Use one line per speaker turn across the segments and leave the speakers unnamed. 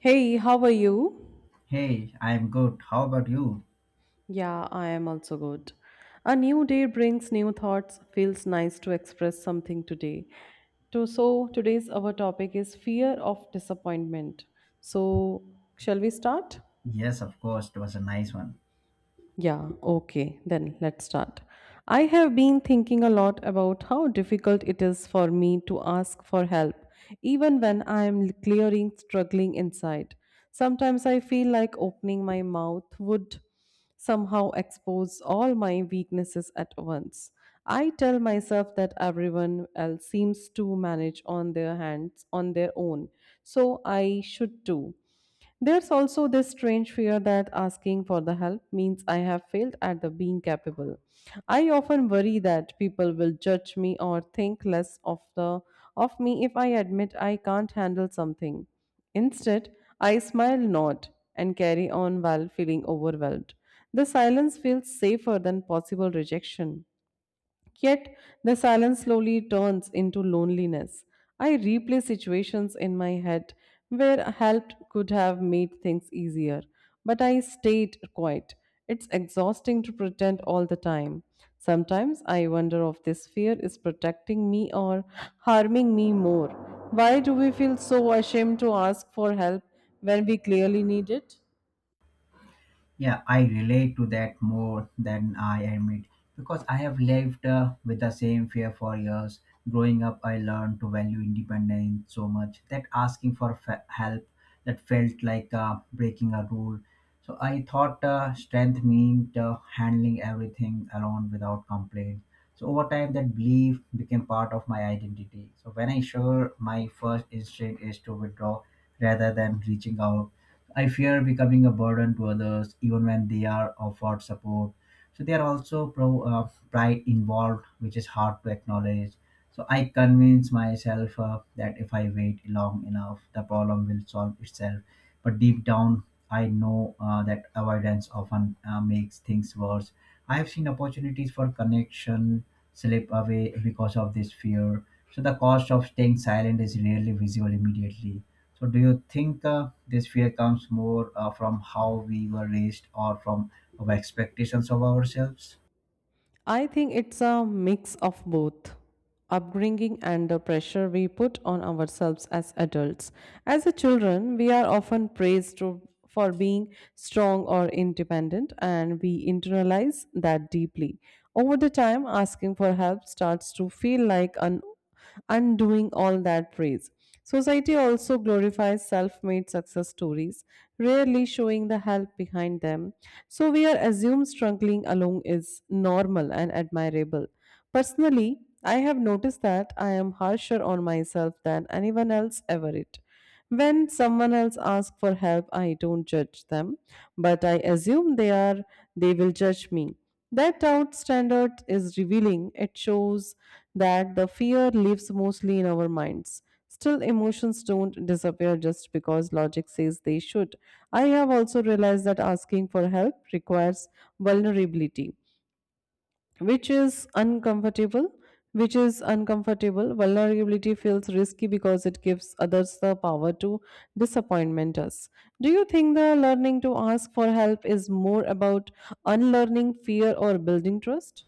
Hey, how are you?
Hey, I'm good. How about you?
Yeah, I am also good. A new day brings new thoughts. Feels nice to express something today. Today's our topic is fear of disappointment. So, shall we start?
Yes, of course, it was a nice one.
Yeah, okay, then let's start. I have been thinking a lot about how difficult it is for me to ask for help, even when I am clearing, struggling inside. Sometimes I feel like opening my mouth would somehow expose all my weaknesses at once. I tell myself that everyone else seems to manage on their hands on their own, so I should too. There's also this strange fear that asking for the help means I have failed at the being capable. I often worry that people will judge me or think less of the of me if I admit I can't handle something. Instead, I smile not and carry on while feeling overwhelmed. The silence feels safer than possible rejection. Yet the silence slowly turns into loneliness. I replay situations in my head where help could have made things easier, but I stayed quiet. It's exhausting to pretend all the time. Sometimes I wonder if this fear is protecting me or harming me more. Why do we feel so ashamed to ask for help when we clearly need it?
Yeah, I relate to that more than I admit because I have lived with the same fear for years. Growing up, I learned to value independence so much that asking for help that felt like breaking a rule. So I thought strength meant handling everything alone without complaint. So over time, that belief became part of my identity. So when I sure my first instinct is to withdraw rather than reaching out I fear becoming a burden to others, even when they are offered support. So there are also pride involved, which is hard to acknowledge. So I convince myself that if I wait long enough, the problem will solve itself. But deep down, I know that avoidance often makes things worse. I have seen opportunities for connection slip away because of this fear. So the cost of staying silent is rarely visible immediately. So, do you think this fear comes more from how we were raised or from our expectations of ourselves?
I think it's a mix of both upbringing and the pressure we put on ourselves as adults. As a children, we are often for being strong or independent, and we internalize that deeply. Over the time, asking for help starts to feel like an undoing all that praise. Society also glorifies self made success stories, rarely showing the help behind them. So we are assumed struggling alone is normal and admirable. Personally, I have noticed that I am harsher on myself than anyone else ever it. When someone else asks for help, I don't judge them, but I assume they will judge me. That doubt standard is revealing. It shows that the fear lives mostly in our minds. Still, emotions don't disappear just because logic says they should. I have also realized that asking for help requires vulnerability which is uncomfortable which is uncomfortable. Vulnerability feels risky because it gives others the power to disappointment us. Do you think the learning to ask for help is more about unlearning fear or building trust?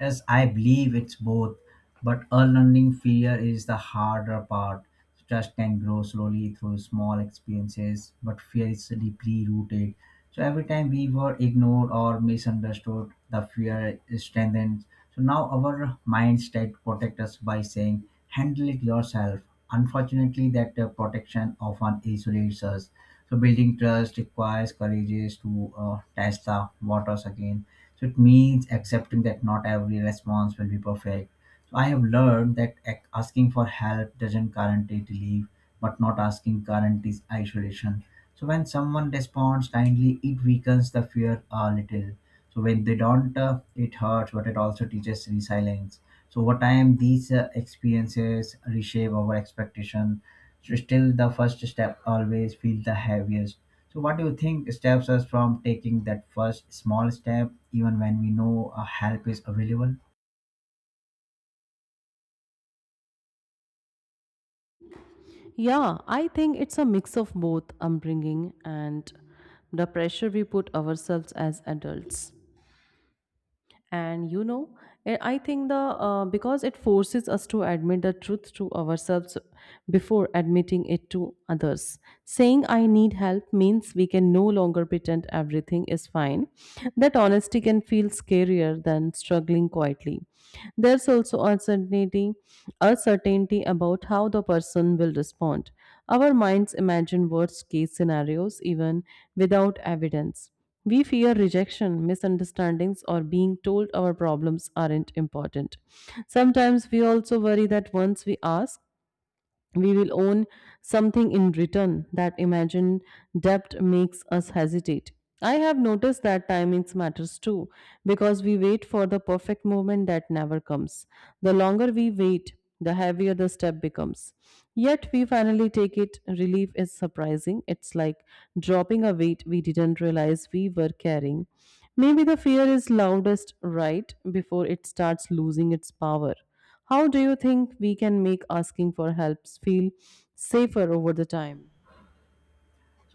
Yes, I believe it's both, but unlearning fear is the harder part. Trust can grow slowly through small experiences, but fear is deeply rooted. So every time we were ignored or misunderstood, the fear is strengthened. So now our mindset protect us by saying, "Handle it yourself." Unfortunately, that protection often isolates us. So building trust requires courage to test the waters again. So it means accepting that not every response will be perfect. So I have learned that asking for help doesn't guarantee relief, but not asking guarantees isolation. So when someone responds kindly, it weakens the fear a little. So when they don't, it hurts, but it also teaches resilience. So over time, these experiences reshape our expectation. So still, the first step always feels the heaviest. So what do you think stops us from taking that first small step, even when we know help is available?
Yeah, I think it's a mix of both upbringing and the pressure we put ourselves as adults. And you know eh, I think the Because it forces us to admit the truth to ourselves before admitting it to others, saying I need help means we can no longer pretend everything is fine. That honesty can feel scarier than struggling quietly. There's also uncertainty, uncertainty about how the person will respond. Our minds imagine worst case scenarios even without evidence. We fear rejection, misunderstandings, or being told our problems aren't important. Sometimes we also worry that once we ask, we will own something in return. That imagined debt makes us hesitate. I have noticed that timings matters too because we wait for the perfect moment that never comes. The longer we wait, the heavier the step becomes. Yet we finally take it. Relief is surprising. It's like dropping a weight we didn't realize we were carrying. Maybe the fear is loudest right before it starts losing its power. How do you think we can make asking for helps feel safer over the time?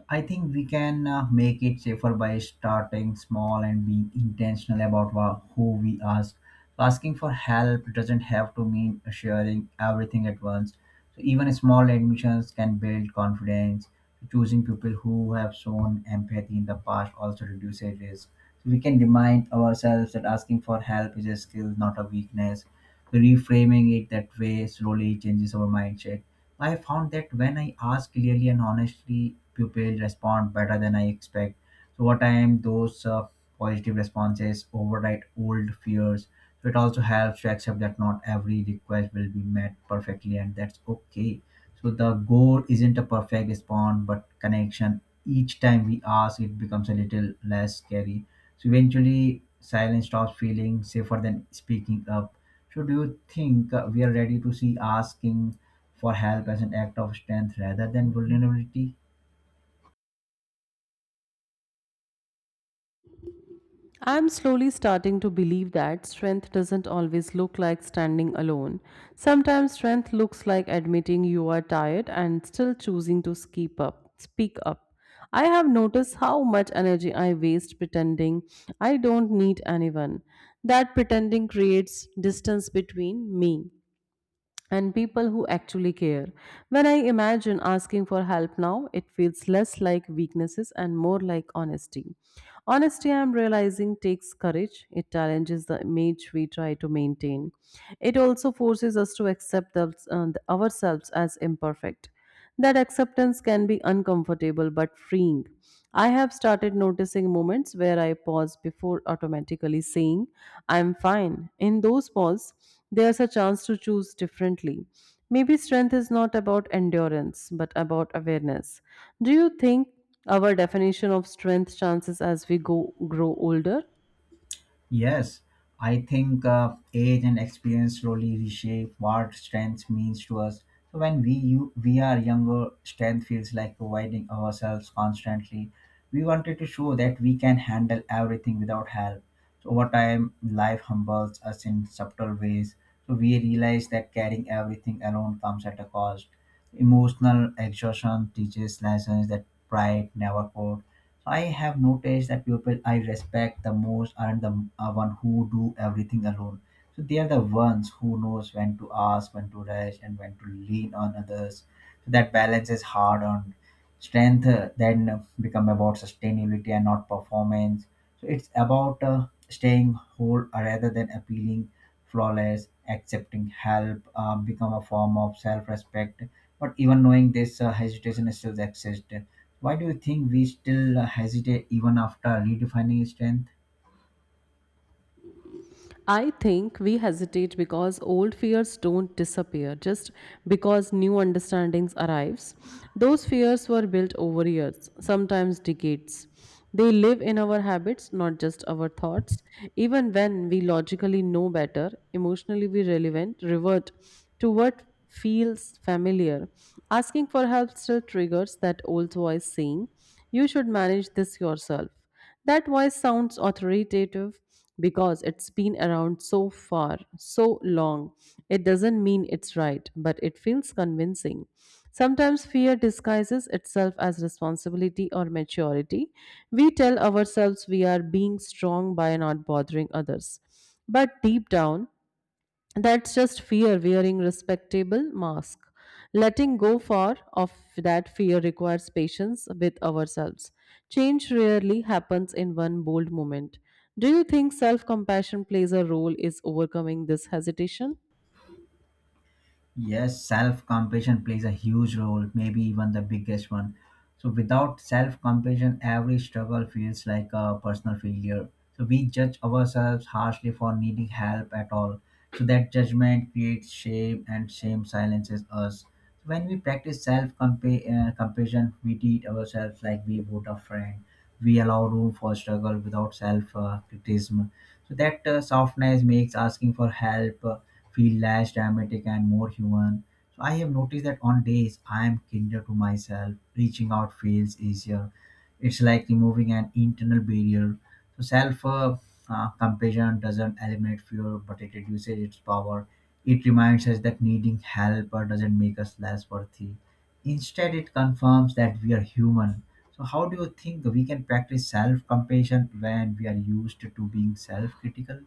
I think we can make it safer by starting small and being intentional about who we ask. Asking for help doesn't have to mean sharing everything at once. So even small admissions can build confidence. Choosing people who have shown empathy in the past also reduces risk. So we can remind ourselves that asking for help is a skill, not a weakness. Reframing it that way slowly changes our mindset. I found that when I ask clearly and honestly, pupils respond better than I expect. So over time, those positive responses override old fears. So it also helps to accept that not every request will be met perfectly, and that's okay. So the goal isn't a perfect response, but connection. Each time we ask, it becomes a little less scary. So eventually, silence stops feeling safer than speaking up. So do you think we are ready to see asking for help as an act of strength rather than vulnerability?
I'm slowly starting to believe that strength doesn't always look like standing alone. Sometimes strength looks like admitting you are tired and still choosing to speak up. I have noticed how much energy I waste pretending I don't need anyone. That pretending creates distance between me and people who actually care. When I imagine asking for help now, it feels less like weaknesses and more like honesty. Honesty, I'm realizing, takes courage. It challenges the image we try to maintain. It also forces us to accept ourselves as imperfect. That acceptance can be uncomfortable but freeing. I have started noticing moments where I pause before automatically saying, I'm fine. In those pauses, there's a chance to choose differently. Maybe strength is not about endurance, but about awareness. Do you think our definition of strength changes as we go grow older?
Yes, I think age and experience slowly reshape what strength means to us. So when we are younger, strength feels like providing ourselves constantly. We wanted to show that we can handle everything without help. So over time, life humbles us in subtle ways. So we realize that carrying everything alone comes at a cost. Emotional exhaustion teaches lessons that pride never could. I have noticed that people I respect the most aren't the are one who do everything alone. So they are the ones who knows when to ask, when to rush, and when to lean on others. So that balance is hard on strength. Then become about sustainability and not performance. So it's about staying whole rather than appealing flawless. Accepting help become a form of self-respect. But even knowing this hesitation still exists. Why do you think we still hesitate even after redefining strength?
I think we hesitate because old fears don't disappear just because new understandings arrives. Those fears were built over years, sometimes decades. They live in our habits, not just our thoughts. Even when we logically know better, emotionally we revert to what feels familiar. Asking for help still triggers that old voice saying, you should manage this yourself. That voice sounds authoritative because it's been around so far, so long. It doesn't mean it's right, but it feels convincing. Sometimes fear disguises itself as responsibility or maturity. We tell ourselves we are being strong by not bothering others. But deep down, that's just fear wearing respectable mask. Letting go for of that fear requires patience with ourselves. Change rarely happens in one bold moment. Do you think self-compassion plays a role is overcoming this hesitation?
Yes, self compassion plays a huge role, maybe even the biggest one. So, without self compassion, every struggle feels like a personal failure. So, we judge ourselves harshly for needing help at all. So, that judgment creates shame, and shame silences us. So, when we practice self compassion, we treat ourselves like we would a friend. We allow room for struggle without self criticism. So, that softness makes asking for help feel less dramatic and more human. So I have noticed that on days I am kinder to myself, reaching out feels easier. It's like removing an internal barrier. So self compassion doesn't eliminate fear, but it reduces its power. It reminds us that needing help doesn't make us less worthy. Instead, it confirms that we are human. So, how do you think we can practice self compassion when we are used to being self critical?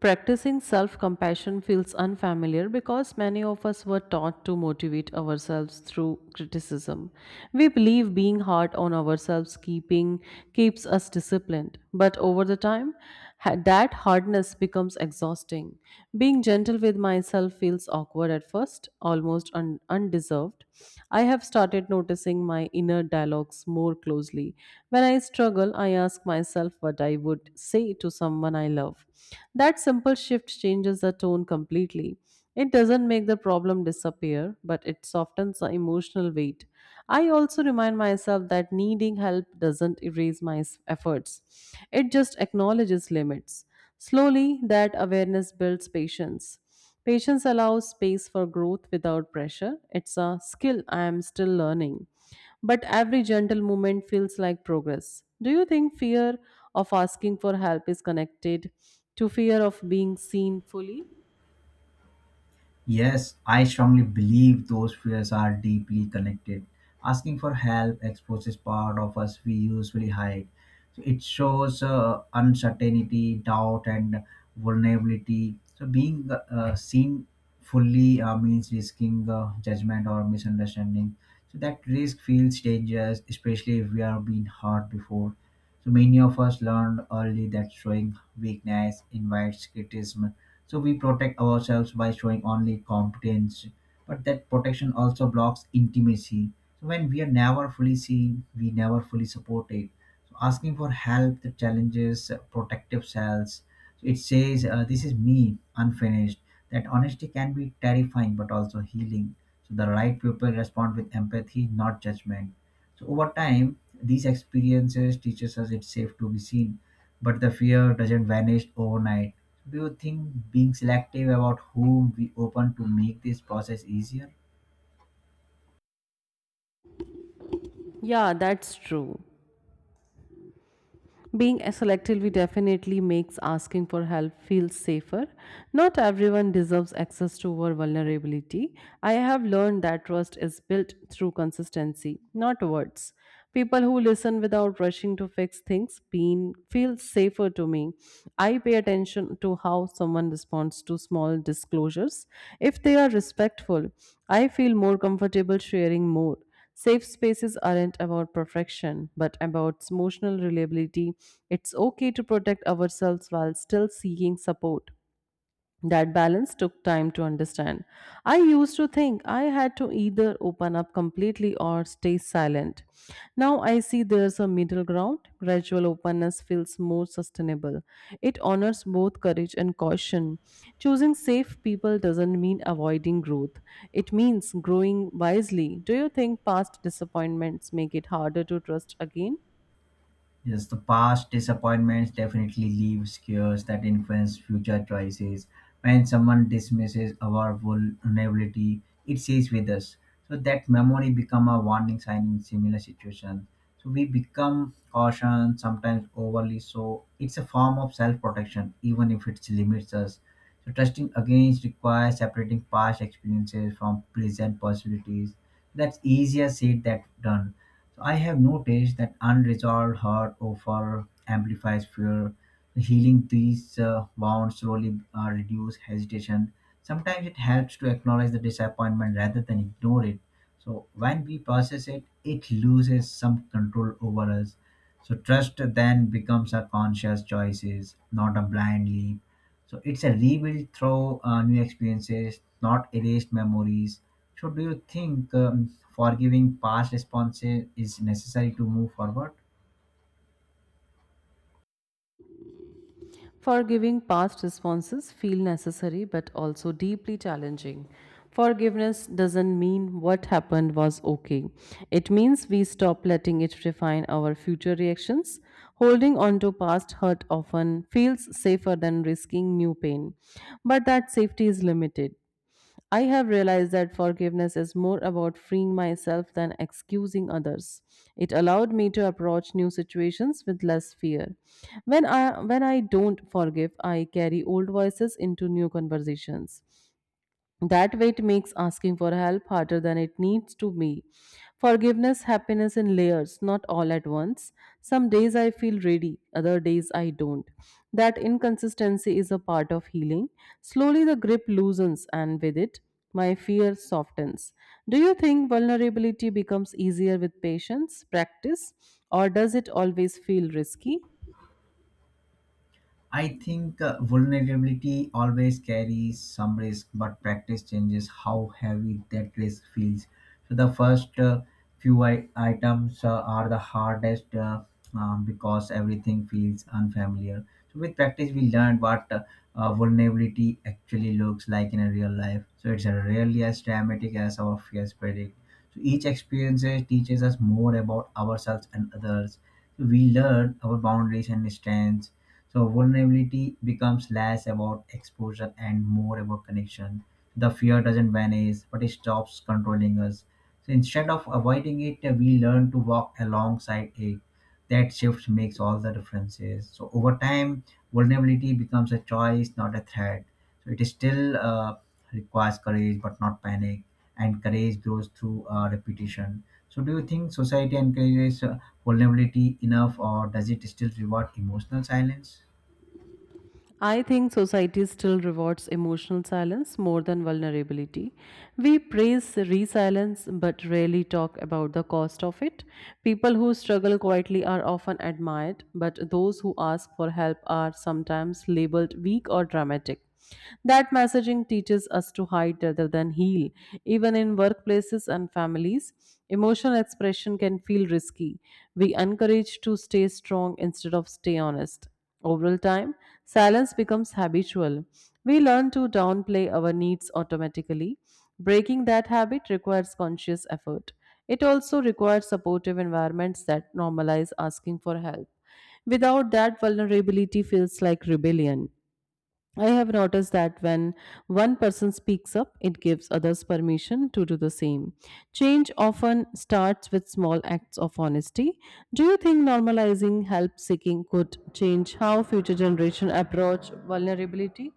Practicing self compassion feels unfamiliar because many of us were taught to motivate ourselves through criticism. We believe being hard on ourselves keeping keeps us disciplined, but over the time that hardness becomes exhausting. Being gentle with myself feels awkward at first, almost undeserved. I have started noticing my inner dialogues more closely. When I struggle, I ask myself what I would say to someone I love. That simple shift changes the tone completely. It doesn't make the problem disappear, but it softens the emotional weight. I also remind myself that needing help doesn't erase my efforts, it just acknowledges limits. Slowly, that awareness builds patience. Patience allows space for growth without pressure. It's a skill I am still learning. But every gentle movement feels like progress. Do you think fear of asking for help is connected to fear of being seen fully?
Yes, I strongly believe those fears are deeply connected. Asking for help exposes part of us we usually hide. So it shows uncertainty, doubt, and vulnerability. So being seen fully means risking judgment or misunderstanding. So that risk feels dangerous, especially if we are being hurt before. So many of us learned early that showing weakness invites criticism, so we protect ourselves by showing only competence, but that protection also blocks intimacy. So when we are never fully seen we never fully supported. So asking for help the challenges protective cells. So it says this is me unfinished. That honesty can be terrifying but also healing. So the right people respond with empathy, not judgment. So over time, these experiences teaches us it's safe to be seen, but the fear doesn't vanish overnight. So, do you think being selective about whom we open to make this process easier?
Yeah, that's true. Being selectively definitely makes asking for help feel safer. Not everyone deserves access to our vulnerability. I have learned that trust is built through consistency, not words. People who listen without rushing to feel safer to me. I pay attention to how someone responds to small disclosures. If they are respectful, I feel more comfortable sharing more. Safe spaces aren't about perfection, but about emotional reliability. It's okay to protect ourselves while still seeking support. That balance took time to understand. I used to think I had to either open up completely or stay silent. Now I see there's a middle ground. Gradual openness feels more sustainable. It honors both courage and caution. Choosing safe people doesn't mean avoiding growth, it means growing wisely. Do you think past disappointments make it harder to trust again?
Yes, the past disappointments definitely leave scars that influence future choices. When someone dismisses our vulnerability, it stays with us. So that memory become a warning sign in similar situations. So we become cautious, sometimes overly so. It's a form of self-protection, even if it limits us. So trusting against requires separating past experiences from present possibilities. That's easier said than done. So I have noticed that unresolved hurt offer amplifies fear. Healing these wounds slowly reduce hesitation. Sometimes it helps to acknowledge the disappointment rather than ignore it. So when we process it, it loses some control over us. So trust then becomes a conscious choices, not a blindly. So it's a rebuild through new experiences, not erased memories. So do you think forgiving past responses is necessary to move forward?
Forgiving past responses feel necessary but also deeply challenging. Forgiveness doesn't mean what happened was okay. It means we stop letting it refine our future reactions. Holding on to past hurt often feels safer than risking new pain, but that safety is limited. I have realized that forgiveness is more about freeing myself than excusing others. It allowed me to approach new situations with less fear. When I don't forgive, I carry old voices into new conversations. That weight makes asking for help harder than it needs to be. Forgiveness happiness in layers, not all at once. Some days I feel ready, other days I don't. That inconsistency is a part of healing. Slowly the grip loosens, and with it, my fear softens. Do you think vulnerability becomes easier with patience, practice, or does it always feel risky?
I think vulnerability always carries some risk, but practice changes how heavy that risk feels. So the first few items are the hardest, because everything feels unfamiliar. So with practice, we learn what vulnerability actually looks like in a real life. So it's rarely as dramatic as our fears predict. So each experience teaches us more about ourselves and others. So we learn our boundaries and strengths. So vulnerability becomes less about exposure and more about connection. The fear doesn't vanish, but it stops controlling us. So instead of avoiding it, we learn to walk alongside it. That shift makes all the differences. So over time, vulnerability becomes a choice, not a threat. So it is still requires courage, but not panic. And courage grows through repetition. So do you think society encourages vulnerability enough, or does it still reward emotional silence?
I think society still rewards emotional silence more than vulnerability. We praise resilience but rarely talk about the cost of it. People who struggle quietly are often admired, but those who ask for help are sometimes labeled weak or dramatic. That messaging teaches us to hide rather than heal. Even in workplaces and families, emotional expression can feel risky. We encourage to stay strong instead of stay honest. Over time, silence becomes habitual. We learn to downplay our needs automatically. Breaking that habit requires conscious effort. It also requires supportive environments that normalize asking for help. Without that, vulnerability feels like rebellion. I have noticed that when one person speaks up, it gives others permission to do the same. Change often starts with small acts of honesty. Do you think normalizing help seeking could change how future generation approach vulnerability?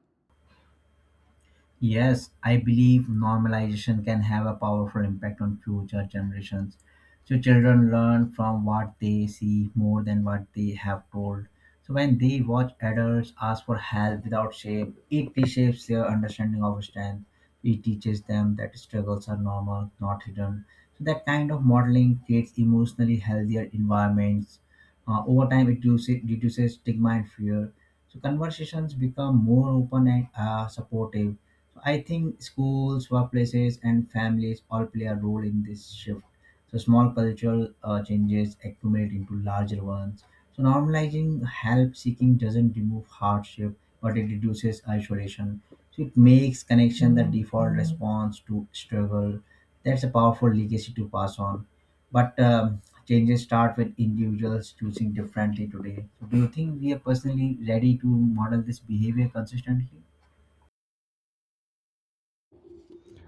Yes, I believe normalization can have a powerful impact on future generations. So children learn from what they see more than what they have told. So when they watch adults ask for help without shame, it reshapes their understanding of strength. It teaches them that struggles are normal, not hidden. So that kind of modeling creates emotionally healthier environments. Over time, it reduces stigma and fear. So conversations become more open and supportive. I think schools, workplaces, and families all play a role in this shift. So small cultural changes accumulate into larger ones. So normalizing help seeking doesn't remove hardship, but it reduces isolation. So it makes connection the default response to struggle. That's a powerful legacy to pass on. But changes start with individuals choosing differently today. So do you think we are personally ready to model this behavior consistently?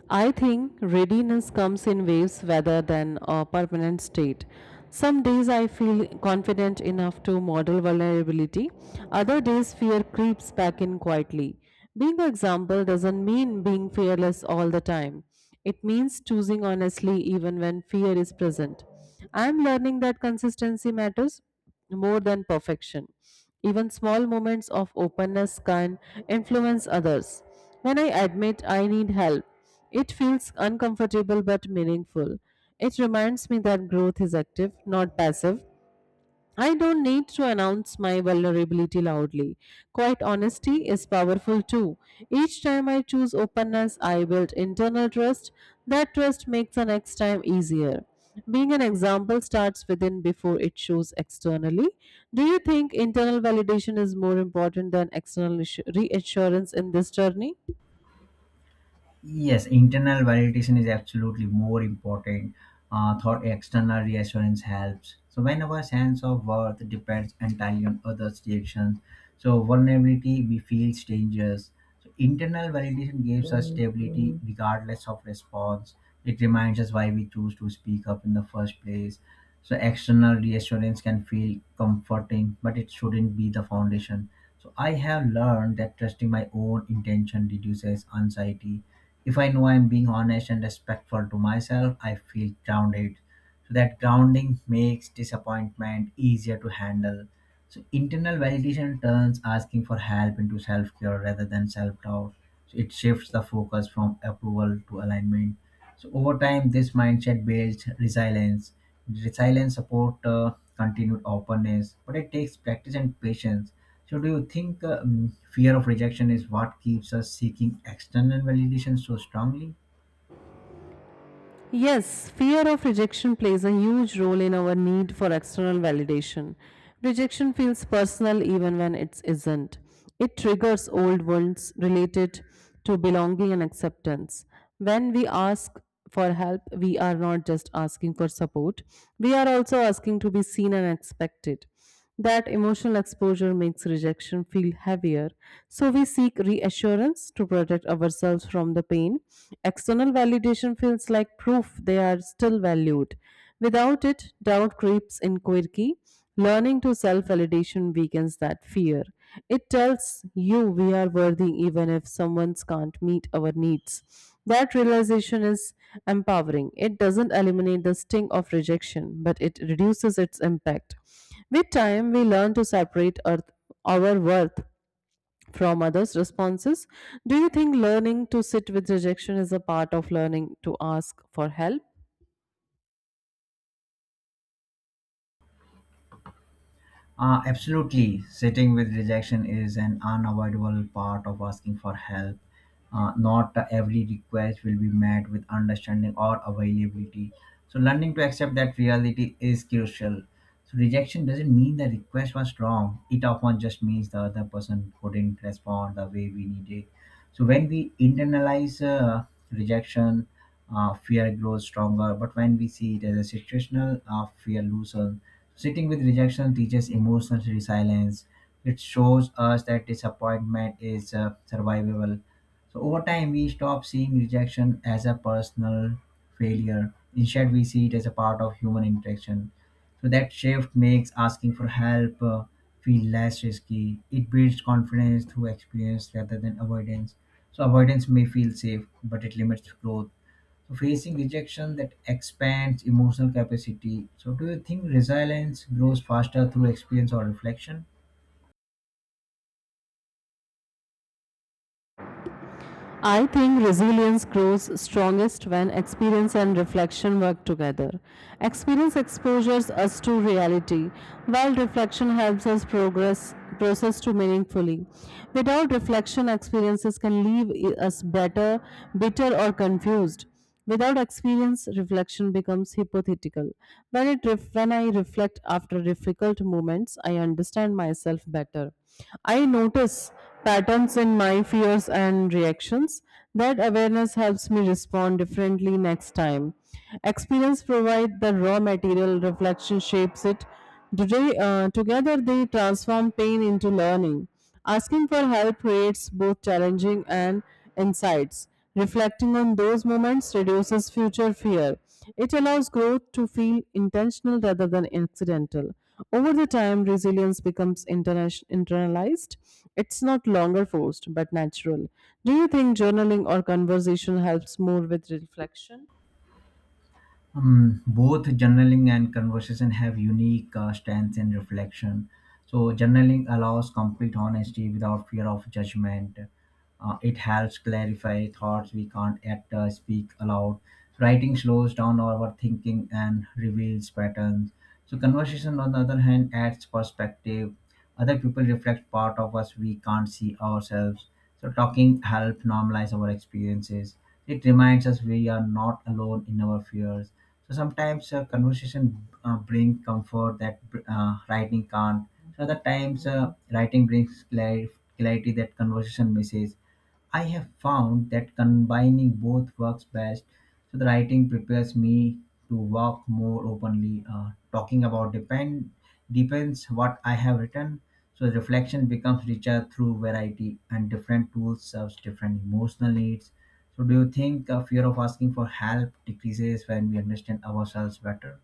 I think readiness comes in waves rather than a permanent state. Some days I feel confident enough to model vulnerability, other days fear creeps back in quietly. Being an example doesn't mean being fearless all the time. It means choosing honestly even when fear is present. I am learning that consistency matters more than perfection. Even small moments of openness can influence others. When I admit I need help, it feels uncomfortable but meaningful. It reminds me that growth is active, not passive. I don't need to announce my vulnerability loudly. Quiet honesty is powerful too. Each time I choose openness, I build internal trust. That trust makes the next time easier. Being an example starts within before it shows externally. Do you think internal validation is more important than external reassurance in this journey?
Yes, internal validation is absolutely more important. Thought external reassurance helps. So when our sense of worth depends entirely on others' reactions, so vulnerability we feels dangerous. So internal validation gives us stability regardless of response. It reminds us why we choose to speak up in the first place. So external reassurance can feel comforting, but it shouldn't be the foundation. So I have learned that trusting my own intention reduces anxiety. If I know I'm being honest and respectful to myself, I feel grounded. So that grounding makes disappointment easier to handle. So internal validation turns asking for help into self-care rather than self-doubt. So it shifts the focus from approval to alignment. So over time, this mindset builds resilience. Resilience support continued openness, but it takes practice and patience. So do you think fear of rejection is what keeps us seeking external validation so strongly?
Yes, fear of rejection plays a huge role in our need for external validation. Rejection feels personal even when it isn't. It triggers old wounds related to belonging and acceptance. When we ask for help, we are not just asking for support, we are also asking to be seen and expected. That emotional exposure makes rejection feel heavier, so we seek reassurance to protect ourselves from the pain. External validation feels like proof they are still valued. Without it, doubt creeps in quickly. Learning to self validation weakens that fear. It tells you we are worthy even if someone can't meet our needs. That realization is empowering. It doesn't eliminate the sting of rejection, but it reduces its impact. With time, we learn to our worth from others' responses. Do you think learning to sit with rejection is a part of learning to ask for help?
Absolutely. Sitting with rejection is an unavoidable part of asking for help. Not every request will be met with understanding or availability. So, learning to accept that reality is crucial. So, rejection doesn't mean the request was wrong, it often just means the other person couldn't respond the way we needed. So, when we internalize rejection, fear grows stronger, but when we see it as a situational, fear loosens. Sitting with rejection teaches emotional resilience. It shows us that disappointment is survivable. So over time, we stop seeing rejection as a personal failure. Instead, we see it as a part of human interaction. So that shift makes asking for help feel less risky. It builds confidence through experience rather than avoidance. So avoidance may feel safe, but it limits growth. So, facing rejection that expands emotional capacity. So, do you think resilience grows faster through experience or reflection?
I think resilience grows strongest when experience and reflection work together. Experience exposes us to reality, while reflection helps us progress process to meaningfully. Without reflection, experiences can leave us bitter, or confused. Without experience, reflection becomes hypothetical. When I reflect after difficult moments, I understand myself better. I notice patterns in my fears and reactions. That awareness helps me respond differently next time. Experience provides the raw material, reflection shapes it. Today, together they transform pain into learning. Asking for help creates both challenging and insights. Reflecting on those moments reduces future fear. It allows growth to feel intentional rather than accidental. Over the time, resilience becomes internalized. It's not longer forced, but natural. Do you think journaling or conversation helps more with reflection?
Both journaling and conversation have unique stance and reflection. So journaling allows complete honesty without fear of judgment. It helps clarify thoughts we can't yet speak aloud. Writing slows down our thinking and reveals patterns. So conversation, on the other hand, adds perspective. Other people reflect part of us we can't see ourselves. So talking helps normalize our experiences. It reminds us we are not alone in our fears. So sometimes conversation bring comfort that writing can't. So other times writing brings clarity that conversation misses. I have found that combining both works best. So the writing prepares me to walk more openly, talking about depends what I have written. So reflection becomes richer through variety, and different tools serves different emotional needs. So do you think a fear of asking for help decreases when we understand ourselves better?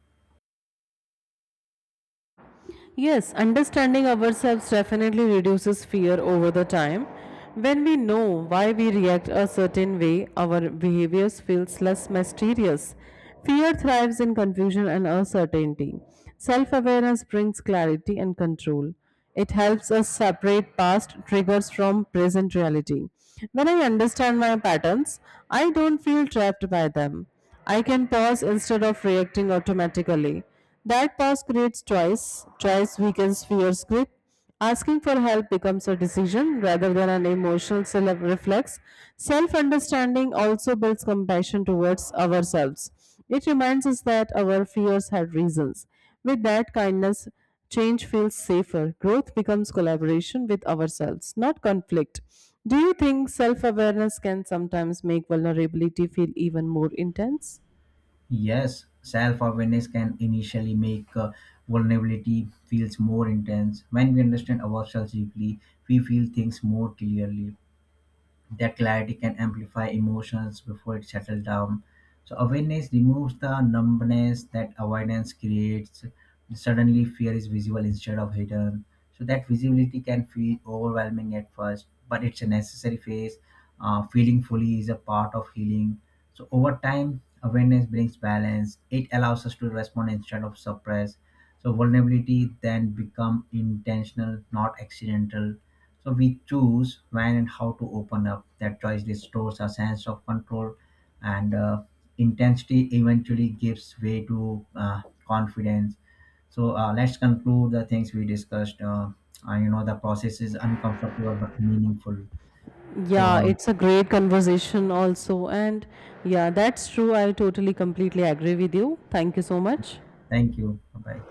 Yes, understanding ourselves definitely reduces fear over the time. When we know why we react a certain way, our behaviors feels less mysterious. Fear thrives in confusion and uncertainty. Self-awareness brings clarity and control. It helps us separate past triggers from present reality. When I understand my patterns, I don't feel trapped by them. I can pause instead of reacting automatically. That pause creates choice. Choice weakens fear's grip. Asking for help becomes a decision rather than an emotional reflex. Self understanding also builds compassion towards ourselves. It reminds us that our fears had reasons. With that kindness, change feels safer. Growth becomes collaboration with ourselves, not conflict. Do you think self awareness can sometimes make vulnerability feel even more intense?
Yes, self awareness can initially make vulnerability feels more intense. When we understand ourselves deeply, we feel things more clearly. That clarity can amplify emotions before it settles down. So awareness removes the numbness that avoidance creates. Suddenly, fear is visible instead of hidden. So that visibility can feel overwhelming at first, but it's a necessary phase. Feeling fully is a part of healing. So over time, awareness brings balance. It allows us to respond instead of suppress. So vulnerability then become intentional, not accidental, so we choose when and how to open up. That choice restores a sense of control, and intensity eventually gives way to confidence. So let's conclude the things we discussed. You know, the process is uncomfortable but meaningful. So
Yeah, it's a great conversation, also. And yeah, that's true. I totally, completely agree with you. Thank you so much.
thank you. Bye.